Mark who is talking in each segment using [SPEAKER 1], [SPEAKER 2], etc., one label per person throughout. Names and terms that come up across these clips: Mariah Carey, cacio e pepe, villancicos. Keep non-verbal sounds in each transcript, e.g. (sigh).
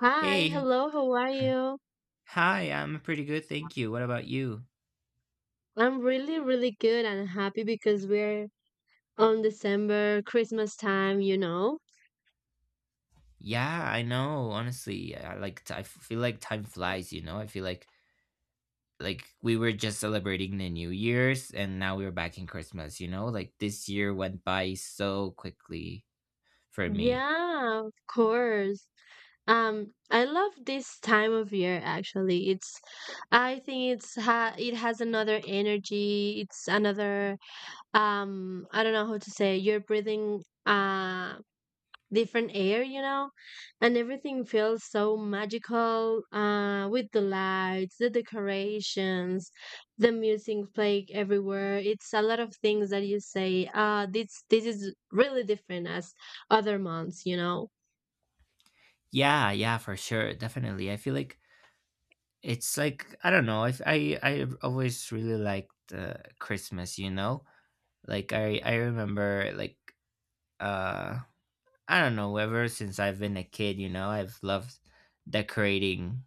[SPEAKER 1] Hi,
[SPEAKER 2] Hey.
[SPEAKER 1] hello, how are you?
[SPEAKER 2] Hi, I'm pretty good, thank you. What about you?
[SPEAKER 1] I'm really, really good and happy because we're on December, Christmas time, you know?
[SPEAKER 2] Yeah, I know. Honestly, I like I feel like time flies, I feel like we were just celebrating the New Year's and now we're back in Christmas. Like this year went by so quickly for me.
[SPEAKER 1] Yeah, of course. I love this time of year actually. It's I think it has another energy. It's another I don't know how to say. You're breathing different air, you know, and everything feels so magical with the lights, the decorations, the music playing everywhere. It's a lot of things that you say, this is really different as other months, you know.
[SPEAKER 2] Yeah, yeah, for sure. Definitely. I feel like it's like I don't know. I always really liked Christmas, Like I remember like uh I don't know, ever since I've been a kid, I've loved decorating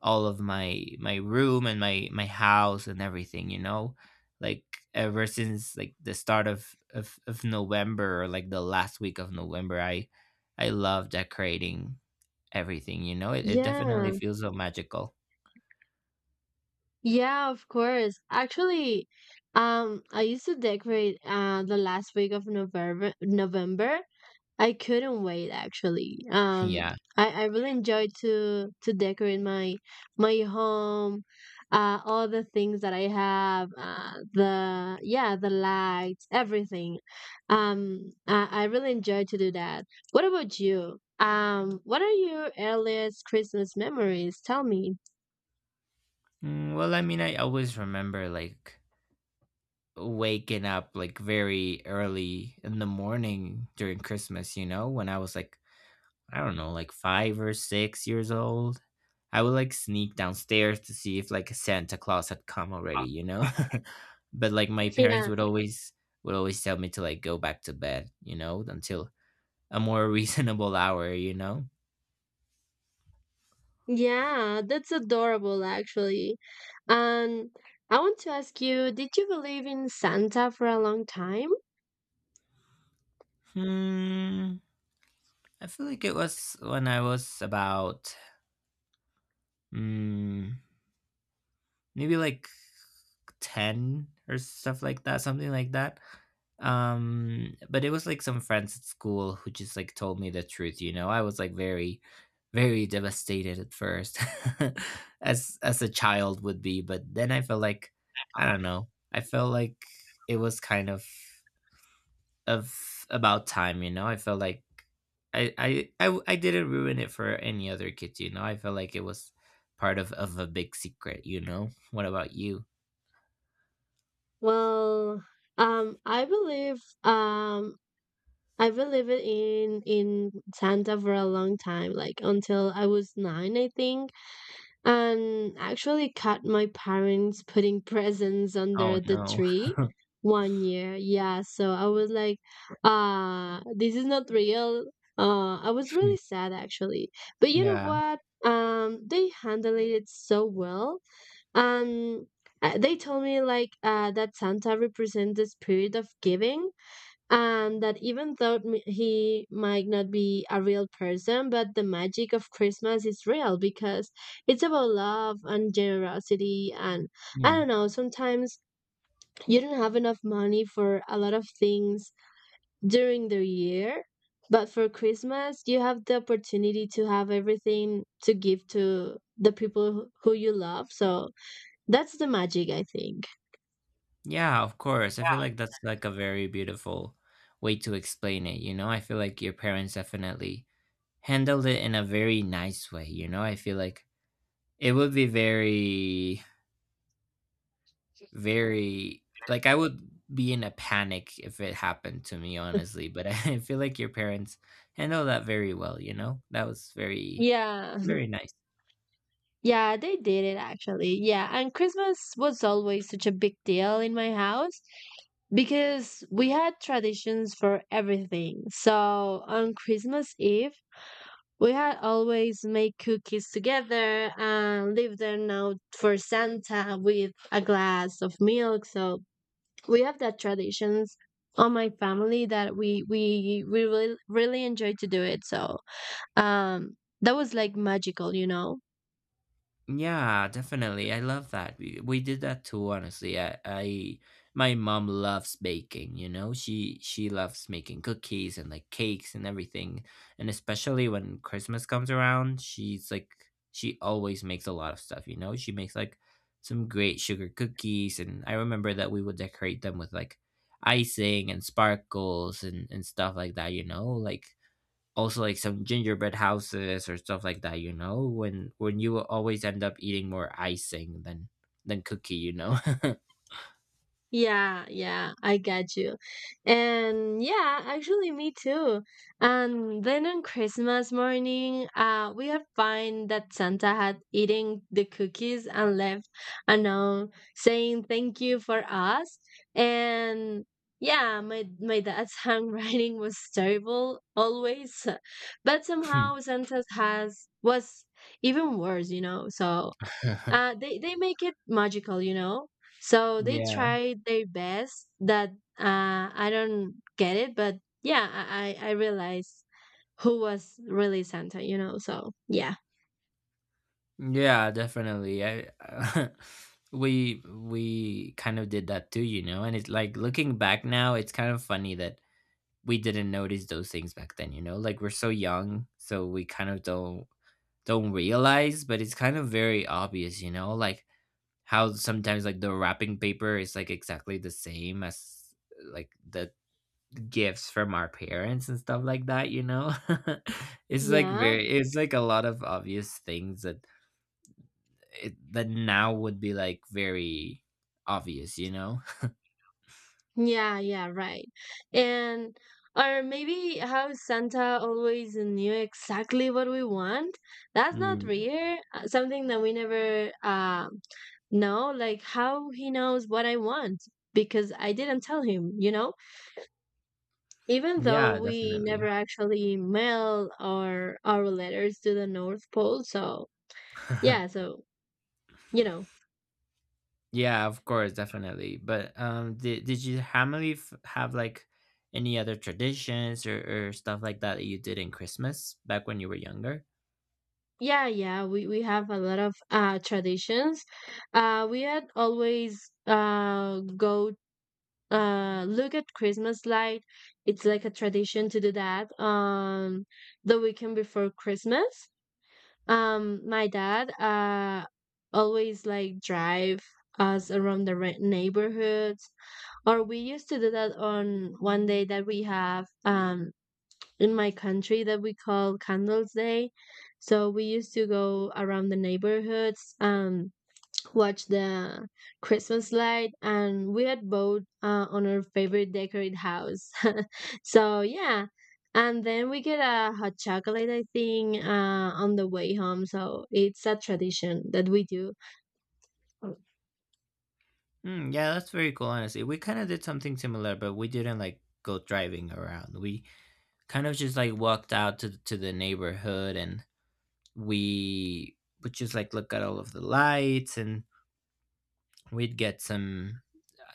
[SPEAKER 2] all of my room and my house and everything, Like ever since like the start of November or like the last week of November, I love decorating everything, It it definitely
[SPEAKER 1] Yeah,
[SPEAKER 2] feels so magical.
[SPEAKER 1] yeah, of course. Actually, I used to decorate the last week of November. I couldn't wait actually.
[SPEAKER 2] (laughs) Yeah.
[SPEAKER 1] I really enjoyed to decorate my my home, all the things that I have, the yeah, the lights, everything. Um, I really enjoyed to do that. What about you? What are your earliest Christmas memories? Tell me.
[SPEAKER 2] Mm, well, I mean, I always remember like waking up like very early in the morning during Christmas, when I was like I don't know, like 5 or 6 years old. I would like sneak downstairs to see if like Santa Claus had come already, (laughs) But like my parents
[SPEAKER 1] Yeah,
[SPEAKER 2] would always tell me to like go back to bed, until a more (laughs) reasonable hour.
[SPEAKER 1] yeah, that's adorable actually. And I want to ask you, did you believe in Santa for a long time?
[SPEAKER 2] Hmm. I feel like it was when I was about mm, maybe like 10 or stuff like that, something like that. But it was like some friends at school who just like told me the truth. I was like very very devastated at first. (laughs) As a child would be, but then I felt like I don't know. I felt like it was kind of about time. I felt like I didn't ruin it for any other kids. I felt like it was part of a big secret. What about you?
[SPEAKER 1] Well, um, I believe um I believe it in Santa for a long time, like until I was nine, I think, and actually caught my parents putting (laughs) presents
[SPEAKER 2] Oh
[SPEAKER 1] under the
[SPEAKER 2] no.
[SPEAKER 1] tree one year. Yeah, so I was like, this is not real. I was really sad actually, but you know
[SPEAKER 2] Yeah.
[SPEAKER 1] what? They handled it so well um, they told me like that Santa represents the spirit of giving, and that even though he might not be a real person, but the magic of Christmas is real because it's about love and generosity. And I
[SPEAKER 2] Mm.
[SPEAKER 1] don't know, sometimes you don't have enough money for a lot of things during the year. But for Christmas, you have the opportunity to have everything to give to the people who you love. So that's the magic, I think.
[SPEAKER 2] Yeah, of course. I feel like that's like a very beautiful way to explain it. I feel like your parents definitely handled it in a very nice way. I feel like it would be very, very, like I would be in a panic if it happened to me, honestly. But (laughs) I feel like your parents handled that very well. That was very,
[SPEAKER 1] Yeah,
[SPEAKER 2] very nice.
[SPEAKER 1] (laughs) yeah, they did it actually. Yeah, and Christmas was always such a big deal in my house because we had traditions for everything. So on Christmas Eve, we had always make cookies together and leave them out for Santa with a glass of milk. So we have that traditions on my family that we really really enjoy to do it. So um that was like magical, you know.
[SPEAKER 2] Yeah, definitely. I love that. We did that too, honestly. I my mom loves baking. She loves making cookies and like cakes and everything. And especially when Christmas comes around, she's like she always makes a lot of stuff. She makes like some great sugar cookies, and I remember that we would decorate them with like icing and sparkles and stuff like that. Like also like some gingerbread houses or stuff like that when you will always end up eating more icing than cookie.
[SPEAKER 1] Yeah, yeah, I got you. And yeah, actually, me too. And then on Christmas morning, we have find that Santa had eaten the cookies and left a note saying thank you for us. And yeah, my dad's (laughs) handwriting was terrible always, but somehow Santa's has was even worse, you know. So
[SPEAKER 2] (laughs)
[SPEAKER 1] they make it magical, you know, so they
[SPEAKER 2] Yeah,
[SPEAKER 1] try their best that I don't get it, but yeah, I I realize who was really Santa, you know. So yeah.
[SPEAKER 2] yeah, definitely. I (laughs) we kind of did that too, and it's like looking back now it's kind of funny that we didn't notice those things back then, like we're so young, so we kind of don't realize, but it's kind of very obvious, like how sometimes like the wrapping paper is like exactly the same as like the gifts from our parents and stuff like that. (laughs) It's like
[SPEAKER 1] Yeah,
[SPEAKER 2] very it's like a lot of obvious things that that now would be like very obvious. (laughs)
[SPEAKER 1] yeah, yeah, right. And or maybe how Santa always knew exactly what we want. That's not
[SPEAKER 2] Mm,
[SPEAKER 1] rare, something that we never know, like how he knows what I want because I didn't tell him, you know. Even
[SPEAKER 2] yeah,
[SPEAKER 1] though we never
[SPEAKER 2] definitely.
[SPEAKER 1] actually mail our letters to the North Pole, so yeah,
[SPEAKER 2] (laughs)
[SPEAKER 1] so you know,
[SPEAKER 2] Yeah, of course, definitely. But did your family have like any other traditions or stuff like that that you did in Christmas back when you were younger?
[SPEAKER 1] yeah, yeah, we have a lot of traditions. We had always go look at Christmas light. It's like a tradition to do that on the weekend before Christmas. My dad always like drive us around the neighborhoods, or we used to do that on one day that we have in my country that we call candles day. So we used to go around the neighborhoods, watch the Christmas light, and we had both on our favorite decorate house. (laughs) So yeah, and then we get a hot chocolate, I think, on the way home, so it's a tradition that we do.
[SPEAKER 2] Mm, yeah, that's very cool, honestly. We kind of did something similar, but we didn't like go driving around. We kind of just like walked out to the neighborhood, and we would just like look at all of the lights, and we'd get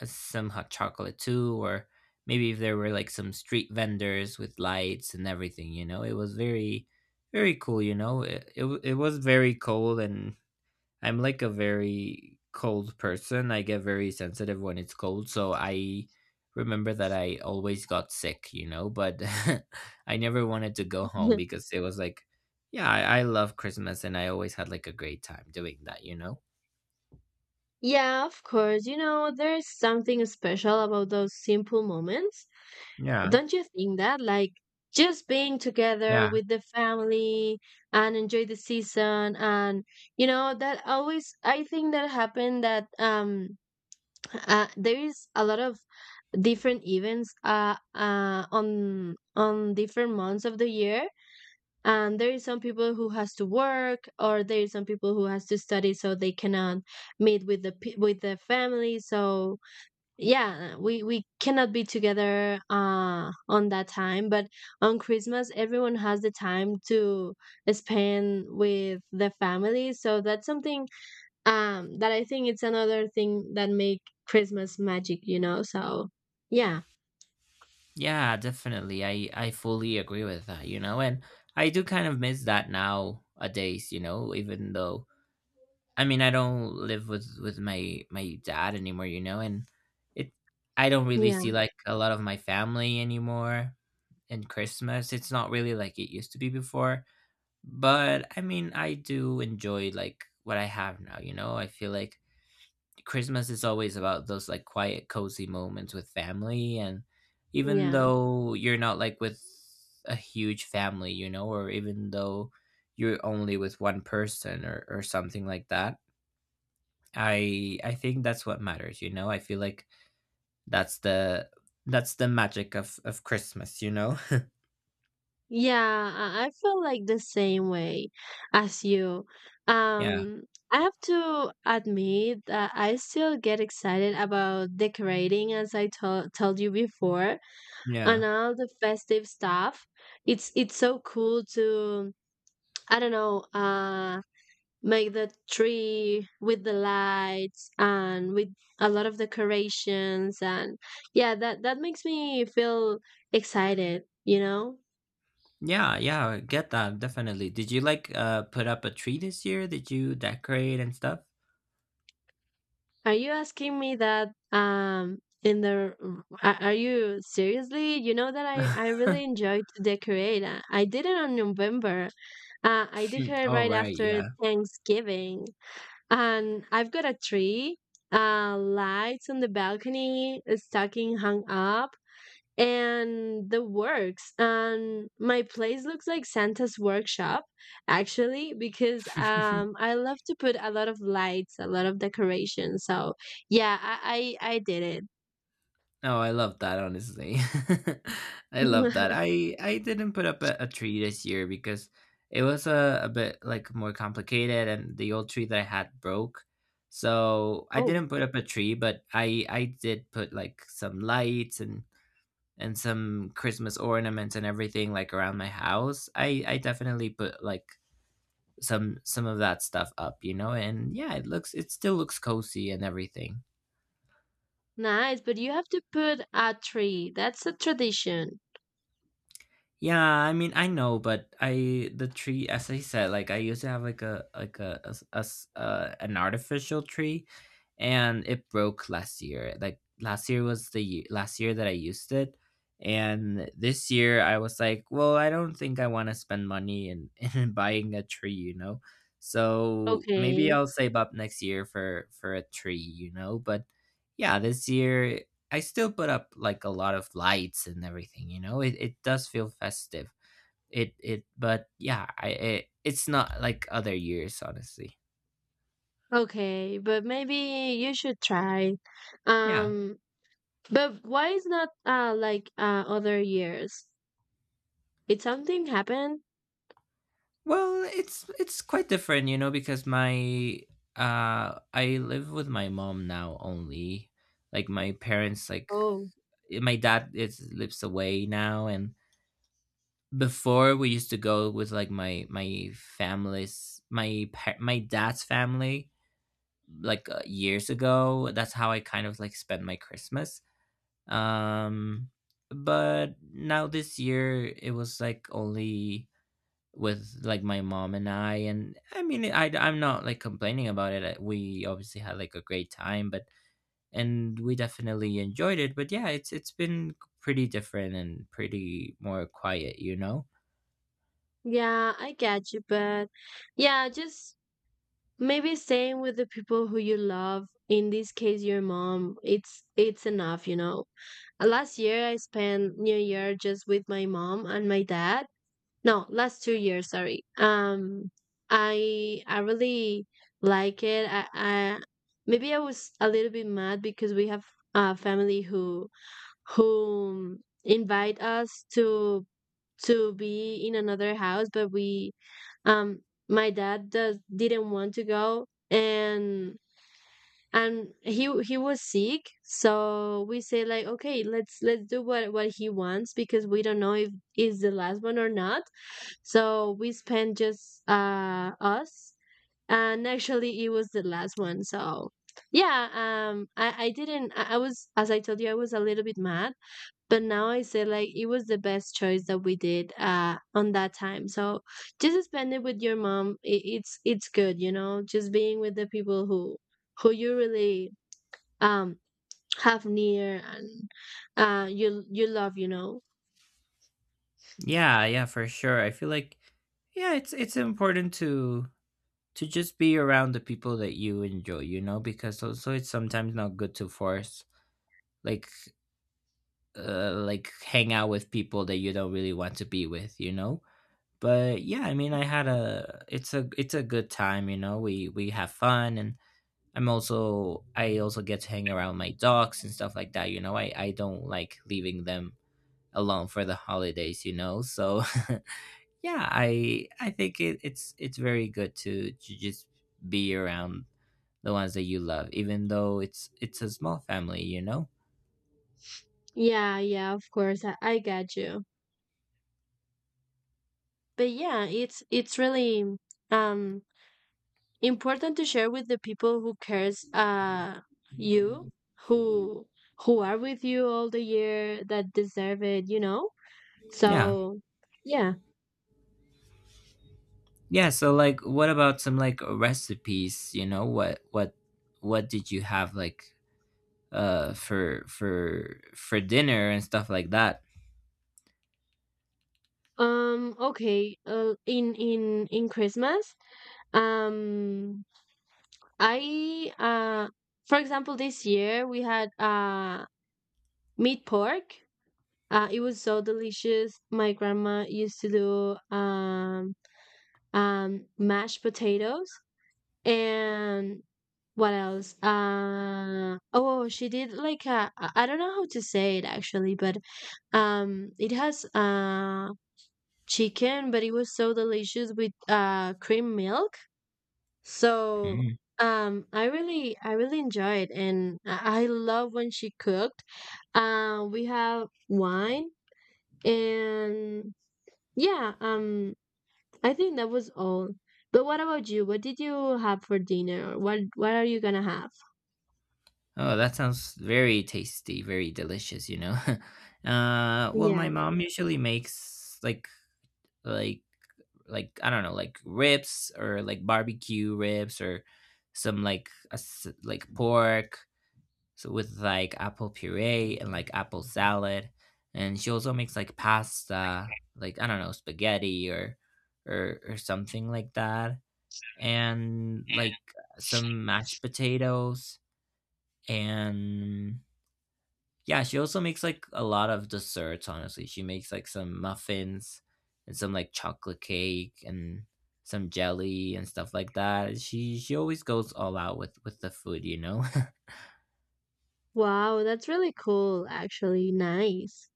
[SPEAKER 2] some hot chocolate too, or maybe if there were like some street vendors with lights and everything, It was very very cool. It was very cold, and I'm like a very cold person. I get very sensitive when it's cold, so I remember that I always got sick, but (laughs) I never wanted to go home
[SPEAKER 1] (laughs)
[SPEAKER 2] because it was like, yeah, I love Christmas, and I always had like a great time doing that.
[SPEAKER 1] Yeah, of course. You know, there's something special about those simple moments.
[SPEAKER 2] Yeah,
[SPEAKER 1] Don't you think that? Like, just being together
[SPEAKER 2] yeah,
[SPEAKER 1] with the family and enjoy the season, and you know that always I think that happened, that there is a lot of different events, on different months of the year, and there is some people who has to work, or there is some people who has to study, so they cannot meet with the with the family. So yeah, we cannot be together on that time, but on Christmas everyone has the time to spend with the family. So that's something that I think it's another thing that make Christmas magic, you know. So yeah,
[SPEAKER 2] yeah, definitely. I fully agree with that, and I do kind of miss that now a days, even though I mean, I don't live with my dad anymore, and it I don't really
[SPEAKER 1] yeah,
[SPEAKER 2] see like a lot of my family anymore in Christmas. It's not really like it used to be before, but I mean, I do enjoy like what I have now, I feel like Christmas is always about those like quiet, cozy moments with family, and even
[SPEAKER 1] yeah.
[SPEAKER 2] though you're not like with a huge family, or even though you're only with one person or something like that, I think that's what matters, I feel like that's the magic of Christmas, (laughs)
[SPEAKER 1] Yeah, I feel like the same way as you.
[SPEAKER 2] Yeah.
[SPEAKER 1] Um, I have to admit that I still get excited about decorating, as I to told you before, and
[SPEAKER 2] Yeah.
[SPEAKER 1] all the festive stuff. It's so cool to, I don't know, make the tree with the lights and with a lot of decorations, and yeah, that that makes me feel excited, you know?
[SPEAKER 2] Yeah, yeah, I get that, definitely. Did you like put up a tree this year? Did you decorate and stuff?
[SPEAKER 1] Are you asking me that in the are you seriously? You know that I
[SPEAKER 2] (laughs)
[SPEAKER 1] really enjoy to decorate. I did it on November. I decorate
[SPEAKER 2] Oh,
[SPEAKER 1] right
[SPEAKER 2] right,
[SPEAKER 1] after
[SPEAKER 2] yeah.
[SPEAKER 1] Thanksgiving, and I've got a tree, lights on the balcony, a stocking hung up, and the works. And my place looks like Santa's workshop actually because
[SPEAKER 2] (laughs)
[SPEAKER 1] I love to put a lot of lights, a lot of decoration. So yeah, I did
[SPEAKER 2] Oh, I love that, honestly. (laughs) I love that.
[SPEAKER 1] it.
[SPEAKER 2] I didn't put up a tree this year, because it was a bit like more complicated and the old tree that I had broke. So
[SPEAKER 1] (laughs)
[SPEAKER 2] I
[SPEAKER 1] Oh,
[SPEAKER 2] didn't put up a tree, but I did put like some lights and some Christmas ornaments and everything like around my house. I definitely put like some of that stuff up, and yeah, it still looks cozy and everything.
[SPEAKER 1] nice, but you have to put a tree. That's a tradition.
[SPEAKER 2] Yeah, I mean, I know, but I the tree, as I said, like I used to have like a s- an artificial tree, and it broke last year. Like last year was the last year that I used it, and this year I was like, well, I don't think I want to spend money in, (laughs) in buying a tree, So maybe
[SPEAKER 1] okay
[SPEAKER 2] I'll save up next year for a tree, But yeah, this year I still put up like a lot of lights and everything, It it does feel festive. It But yeah, I it's not like other years honestly.
[SPEAKER 1] okay, but maybe you should try.
[SPEAKER 2] Yeah.
[SPEAKER 1] um but why is not like other years? Did something happen?
[SPEAKER 2] Well, it's quite different, because my I live with my mom now only. Like my parents like
[SPEAKER 1] Oh.
[SPEAKER 2] my dad is lives away now, and before we used to go with like my family's my dad's family like years ago. That's how I kind of like spent my Christmas. Um, but now this year it was like only with like my mom and I mean I'm not like complaining about it. We obviously had like a great time, but and we definitely enjoyed it. But yeah, it's been pretty different and pretty more quiet,
[SPEAKER 1] Yeah, I get you, but yeah, just maybe staying with the people who you love, in this case your mom, it's enough, you know. Last year I spent New Year just with my mom and my dad. No, last 2 years, sorry. I really like it. I maybe I was a little bit mad because we have a family who invite us to be in another house, but we um my dad does didn't want to go, and he was sick. So we say like, okay, let's do what he wants, because we don't know if is the last one or not. So we spent just us, and actually it was the last one. So yeah, I didn't. I was, as I told you, I was a little bit mad, but now I say like it was the best choice that we did on that time. So just spend it with your mom. It's good, you know, just being with the people who you really um have near and you you love, you know.
[SPEAKER 2] Yeah, yeah, for sure. I feel like yeah, it's important to just be around the people that you enjoy, because also it's sometimes not good to force like like hang out with people that you don't really want to be with, But yeah, I mean, I had a it's a it's a good time, We have fun, and I also get to hang around my dogs and stuff like that, I don't like leaving them alone for the holidays, So (laughs) yeah, I think it's very good to just be around the ones that you love, even though it's a small family,
[SPEAKER 1] Yeah, yeah, of course. I got you. But yeah, it's really um important to share with the people who cares you who who are with you all the year that deserve it, you know?
[SPEAKER 2] yeah,
[SPEAKER 1] So yeah.
[SPEAKER 2] yeah, so like what about some like recipes, what did you have like for dinner and stuff like that?
[SPEAKER 1] Okay, in Christmas, um I for example this year we had meat pork. Uh, it was so delicious. My grandma used to do mashed potatoes and what else? Uh, oh, she did like a I don't know how to say it actually, but it has chicken, but it was so delicious with cream milk. So
[SPEAKER 2] Mm.
[SPEAKER 1] I really enjoyed, and I love when she cooked. We have wine, and yeah, I think that was all. But what about you? What did you have for dinner? Or what are you gonna have?
[SPEAKER 2] Oh, that sounds very tasty, very delicious. (laughs) Well, my
[SPEAKER 1] Yeah.
[SPEAKER 2] mom usually makes like like like I don't know, like ribs or like barbecue ribs or some like a, like pork, so with like apple puree and like apple salad. And she also makes like pasta, like I don't know, spaghetti or or something like that. And like some mashed potatoes. And yeah, she also makes like a lot of desserts. Honestly, she makes like some muffins and some like chocolate cake and some jelly and stuff like that. She always goes all out with the food. (laughs)
[SPEAKER 1] Wow, that's really cool actually. Nice.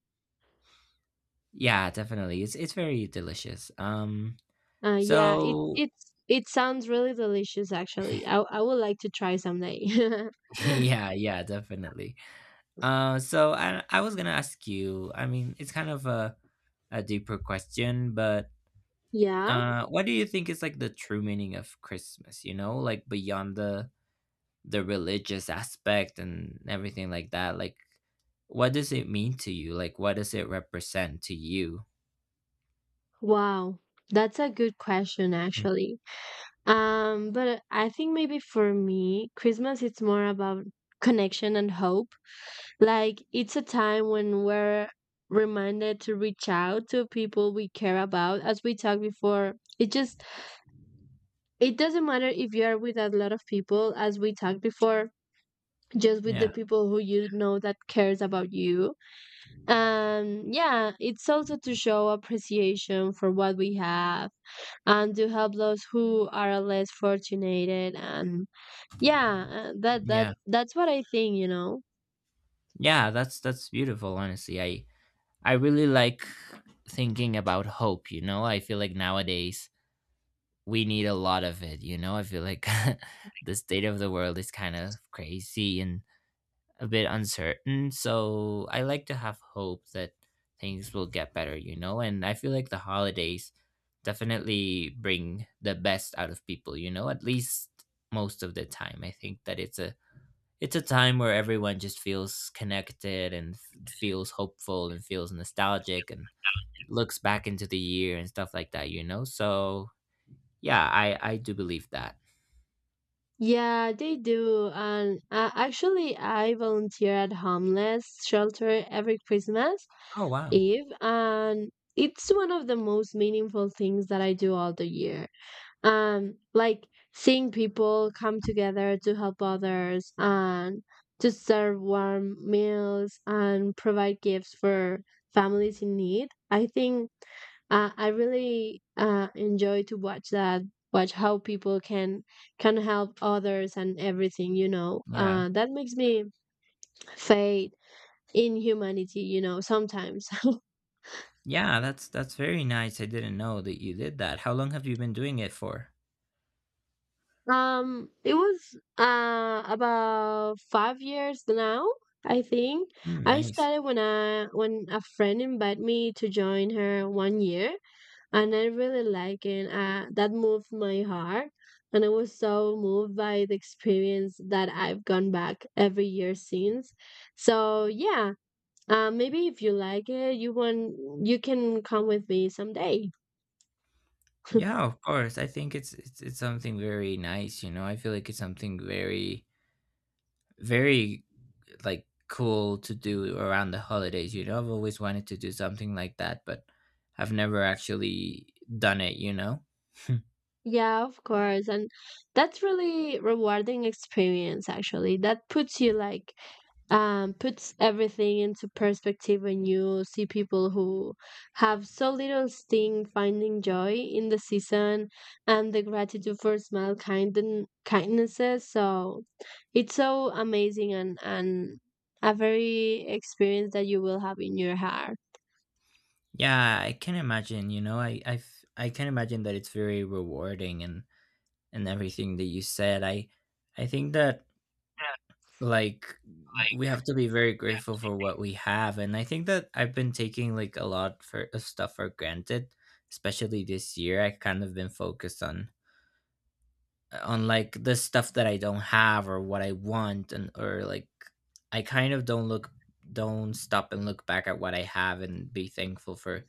[SPEAKER 2] Yeah, definitely. It's very delicious. Um,
[SPEAKER 1] Uh, yeah, it
[SPEAKER 2] so
[SPEAKER 1] it's it sounds really delicious actually. I would like to try someday. (laughs)
[SPEAKER 2] (laughs) yeah, yeah, definitely. So I was gonna ask you. I mean, it's kind of a deeper question, but
[SPEAKER 1] Yeah.
[SPEAKER 2] what do you think is like the true meaning of Christmas? You know, like beyond the religious aspect and everything like that. Like, what does it mean to you? Like, what does it represent to you?
[SPEAKER 1] Wow. That's a good question
[SPEAKER 2] Mm.
[SPEAKER 1] actually. But I think maybe for me Christmas it's more about connection and hope. Like it's a time when we're reminded to reach out to people we care about, as we talked before. It just it doesn't matter if you are with a lot of people, as we talked before, just with the
[SPEAKER 2] Yeah,
[SPEAKER 1] people who you know that cares about you. Yeah, it's also to show appreciation for what we have and to help those who are less fortunate. and yeah uh, that that
[SPEAKER 2] yeah,
[SPEAKER 1] that's what I think.
[SPEAKER 2] yeah. That's beautiful. Honestly, I really like thinking about hope, you know? I feel like nowadays we need a lot of it, you know? I feel like (laughs) the state of the world is kind of crazy and a bit uncertain. So I like to have hope that things will get better, you know? And I feel like the holidays definitely bring the best out of people, you know? At least most of the time. I think that it's a time where everyone just feels connected and feels hopeful and feels nostalgic and looks back into the year and stuff like that, you know? So yeah, I do believe that.
[SPEAKER 1] Yeah, they do. And uh, actually i volunteer at homeless shelter every Christmas
[SPEAKER 2] Oh wow.
[SPEAKER 1] eve, and it's one of the most meaningful things that I do all the year. um like seeing people come together to help others and to serve warm meals and provide gifts for families in need, I think I really enjoy to watch that, watch how people can help others and everything you know
[SPEAKER 2] Yeah.
[SPEAKER 1] uh, That makes me faith in humanity sometimes. (laughs)
[SPEAKER 2] Yeah, that's very nice. I didn't know that you did that. How long have you been doing it for?
[SPEAKER 1] It was about 5 years now, I think.
[SPEAKER 2] Mm,
[SPEAKER 1] I
[SPEAKER 2] nice.
[SPEAKER 1] started when I when a friend invited me to join her one year, and I really liked it. That moved my heart, and I was so moved by the experience that I've gone back every year since. So yeah, maybe if you like it, you can come with me someday. (laughs)
[SPEAKER 2] Yeah, of course. I think it's something very nice, you know. I feel like it's something very very like cool to do around the holidays, you know. I've always wanted to do something like that, but I've never actually done it, you know.
[SPEAKER 1] Yeah, of course. And that's really rewarding experience actually. That puts you like puts everything into perspective when you see people who have so little sting finding joy in the season and the gratitude for small kindnesses. So it's so amazing, and a very experience that you will have in your heart.
[SPEAKER 2] Yeah, I can imagine. You know, I I can imagine that it's very rewarding and everything that you said. I think that like we have to be very grateful for what we have, and I think that I've been taking like a lot for of stuff for granted, especially this year. I kind of been focused on like the stuff that I don't have or what I want, and or like I kind of don't look don't stop and look back at what I have and be thankful for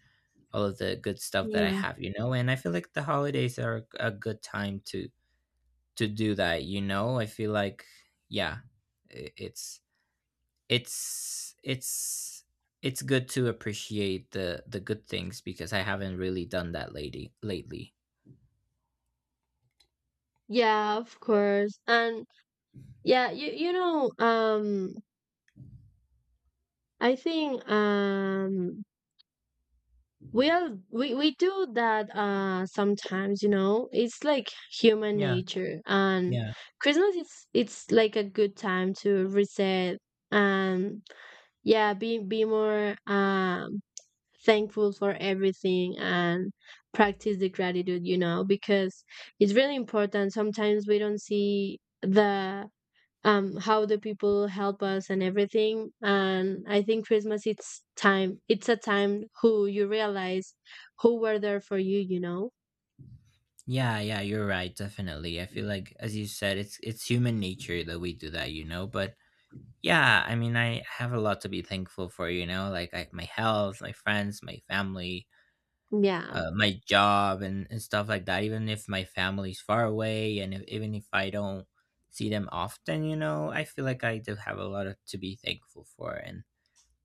[SPEAKER 2] all of the good stuff that I
[SPEAKER 1] Yeah.
[SPEAKER 2] have, you know. And I feel like the holidays are a good time to do that, you know. I feel like yeah, i- it's it's it's good to appreciate the good things because I haven't really done that lady lately.
[SPEAKER 1] Yeah, of course. And yeah, you know, I think we do that sometimes, you know. It's like human
[SPEAKER 2] Yeah,
[SPEAKER 1] nature. And
[SPEAKER 2] yeah.
[SPEAKER 1] Christmas is it's like a good time to reset, and yeah, be more thankful for everything and practice the gratitude, you know, because it's really important. Sometimes we don't see the how the people help us and everything. And I think Christmas it's a time who you realize who were there for you you know
[SPEAKER 2] Yeah, yeah, you're right, definitely. I feel like as you said, it's human nature that we do that, you know, but yeah, I mean, I have a lot to be thankful for, you know, like my health, my friends, my family,
[SPEAKER 1] Yeah,
[SPEAKER 2] my job and stuff like that, even if my family's far away and if, even if I don't see them often, you know. I feel like I do have a lot of, to be thankful for. And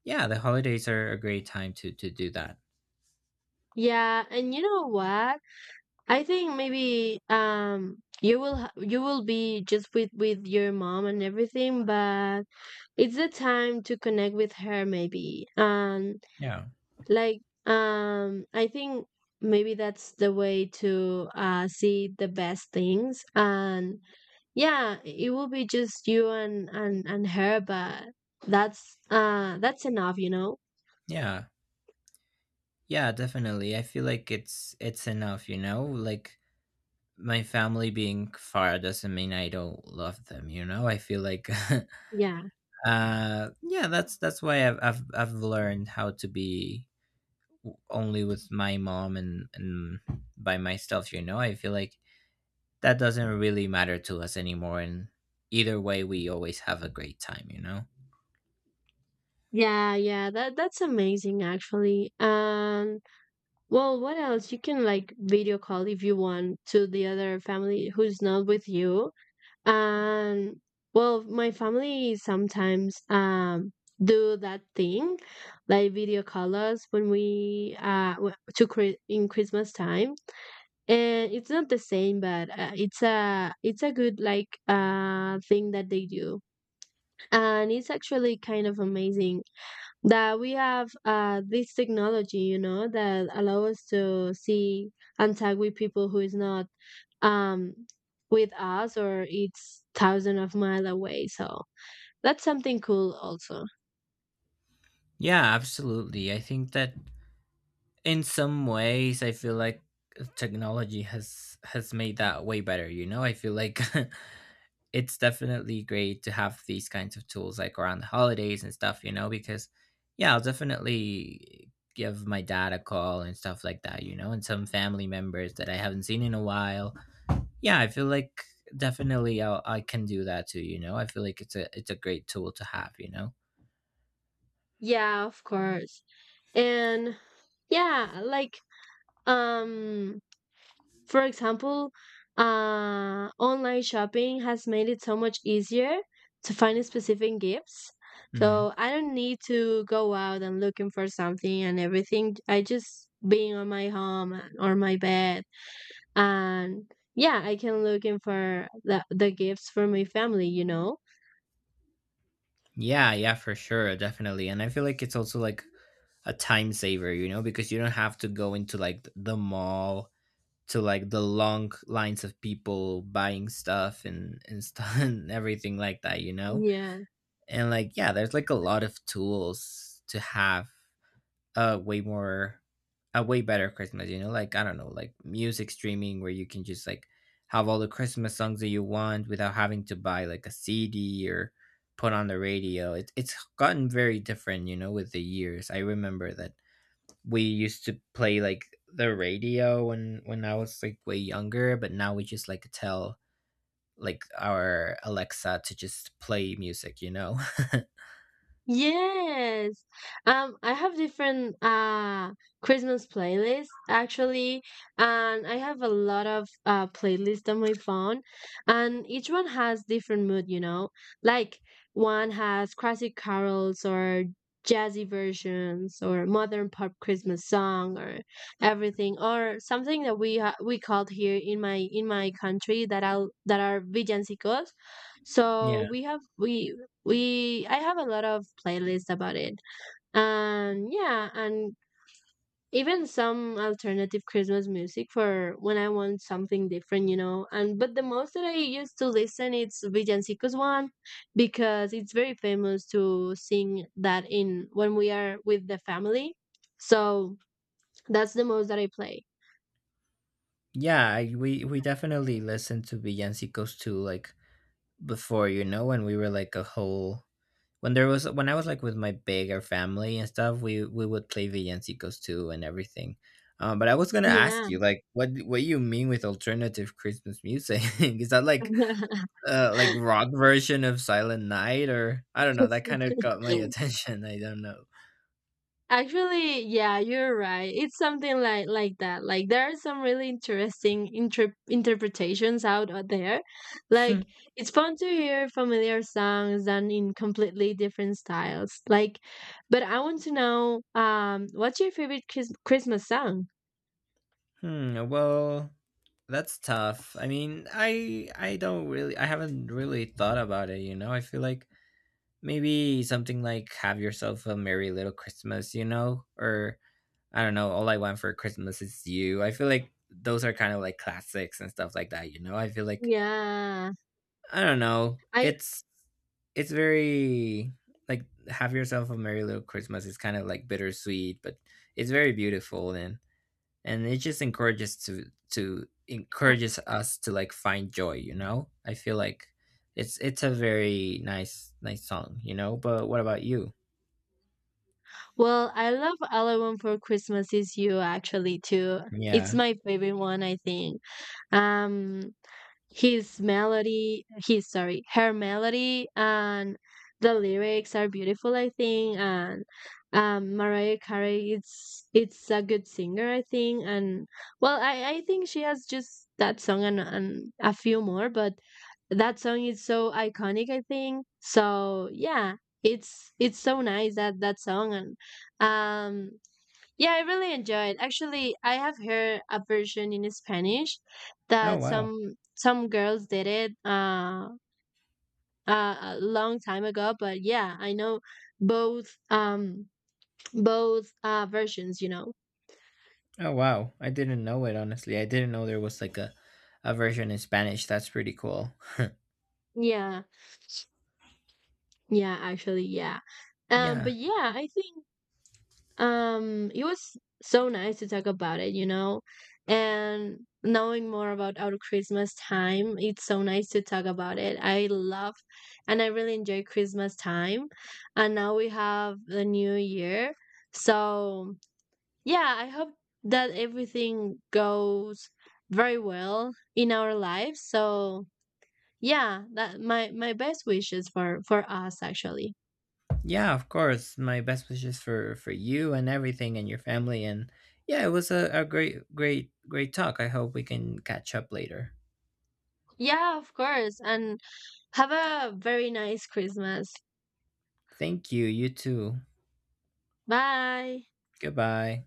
[SPEAKER 2] yeah, the holidays are a great time to do that.
[SPEAKER 1] yeah. And you know what, I think maybe you will be just with your mom and everything, but it's the time to connect with her maybe. And
[SPEAKER 2] yeah
[SPEAKER 1] like I think maybe that's the way to see the best things. And yeah, it will be just you and her, but that's enough, you know.
[SPEAKER 2] yeah Yeah, definitely. I feel like it's enough, you know, like my family being far doesn't mean I don't love them, you know. I feel like
[SPEAKER 1] Yeah.
[SPEAKER 2] (laughs) yeah, that's why I've learned how to be only with my mom, and by myself, you know. I feel like that doesn't really matter to us anymore. And either way, we always have a great time, you know?
[SPEAKER 1] Yeah, yeah. That that's amazing actually. And well, what else? You can like video call if you want to the other family who's not with you. And well, my family sometimes do that thing, like video call us when we in Christmas time. And it's not the same, but it's a good like thing that they do. And it's actually kind of amazing that we have this technology, you know, that allow us to see and tag with people who is not um with us or it's thousand of mile away. So that's something cool also.
[SPEAKER 2] Yeah, absolutely. I think that in some ways I feel like technology has made that way better, you know. I feel like (laughs) it's definitely great to have these kinds of tools like around the holidays and stuff, you know, because yeah, I'll definitely give my dad a call and stuff like that, you know, and some family members that I haven't seen in a while. Yeah, I feel like definitely I can do that too, you know. I feel like it's a great tool to have, you know.
[SPEAKER 1] Yeah, of course. And yeah, um for example, online shopping has made it so much easier to find specific gifts.
[SPEAKER 2] Hmm.
[SPEAKER 1] So I don't need to go out and looking for something and everything. I just being on my home and- or my bed, and yeah, I can looking for the gifts for my family, you know?
[SPEAKER 2] Yeah, yeah, for sure, definitely. And I feel like it's also like a time saver, you know, because you don't have to go into like the mall, to like the long lines of people buying stuff and stuff (laughs) and everything like that, you know?
[SPEAKER 1] Yeah.
[SPEAKER 2] And like yeah, there's like a lot of tools to have a way more a way better Christmas, you know, like I don't know, like music streaming where you can just like have all the Christmas songs that you want without having to buy like a CD or put on the radio. It's gotten very different, you know, with the years. I remember that we used to play like the radio when I was like way younger, but now we just like tell like our Alexa to just play music, you know. (laughs)
[SPEAKER 1] Yes. I have different Christmas playlists actually, and I have a lot of playlists on my phone, and each one has different mood, you know. Like one has classic carols or jazzy versions or modern pop Christmas song or everything, or something that we called here in my country that I'll that are villancicos.
[SPEAKER 2] yeah.
[SPEAKER 1] So we have we I have a lot of playlists about it. And yeah, and even some alternative Christmas music for when I want something different, you know. And but the most that I used to listen, it's Villancicos one, because it's very famous to sing that in when we are with the family. So that's the most that I play.
[SPEAKER 2] Yeah, we definitely listen to villancicos too, like before, you know, when we were like a whole when there was when I was like with my bigger family and stuff, we would play villancicos too and everything. But I was gonna ask
[SPEAKER 1] Yeah.
[SPEAKER 2] you, like, what you mean with alternative Christmas music? (laughs) Is that like rock version of Silent Night or I don't know? That kind of got my
[SPEAKER 1] (laughs)
[SPEAKER 2] attention. (laughs) I don't know.
[SPEAKER 1] Actually, yeah, you're right. It's something like that. Like there are some really interesting interpretations out there.
[SPEAKER 2] Hmm,
[SPEAKER 1] Like it's fun to hear familiar songs done in completely different styles. Like, but I want to know, what's your favorite Christmas song?
[SPEAKER 2] hmm, well, that's tough. I mean, I don't really I haven't really thought about it, you know. I feel like maybe something like Have Yourself a Merry Little Christmas, you know? Or I don't know, All I Want for Christmas Is You. I feel like those are kind of like classics and stuff like that, you know? I feel like
[SPEAKER 1] Yeah.
[SPEAKER 2] I don't know.
[SPEAKER 1] I
[SPEAKER 2] It's very like Have Yourself a Merry Little Christmas is kind of like bittersweet, but it's very beautiful and it just encourages to encourages us to like find joy, you know? I feel like it's a very nice song, you know? But what about you?
[SPEAKER 1] Well, I love All I Want for Christmas Is You actually too. It's
[SPEAKER 2] Yeah.
[SPEAKER 1] my favorite one, I think. Um, His melody, his Sorry, her melody and the lyrics are beautiful, I think. And Mariah Carey, it's a good singer, I think. And well, I think she has just that song and a few more, but that song is so iconic, I think. So yeah, it's so nice that that song. And um yeah, I really enjoyed. Actually, I have heard a version in Spanish
[SPEAKER 2] Oh
[SPEAKER 1] that
[SPEAKER 2] wow.
[SPEAKER 1] some girls did it a long time ago. But yeah, I know both um both versions, you know.
[SPEAKER 2] Oh wow. I didn't know it, honestly. I didn't know there was like a version in Spanish. That's pretty cool.
[SPEAKER 1] Yeah, yeah, actually, yeah.
[SPEAKER 2] Yeah.
[SPEAKER 1] But yeah, I think. It was so nice to talk about it, you know, and knowing more about our Christmas time, it's so nice to talk about it. I love, and I really enjoy Christmas time, and now we have the new year. So, yeah, I hope that everything goes very well in our lives. So, yeah, that my best wishes for us actually.
[SPEAKER 2] Yeah, of course. My best wishes for you and everything and your family. And yeah, it was a great great talk. I hope we can catch up later.
[SPEAKER 1] Yeah, of course. And have a very nice Christmas.
[SPEAKER 2] Thank you. You too.
[SPEAKER 1] Bye.
[SPEAKER 2] Goodbye.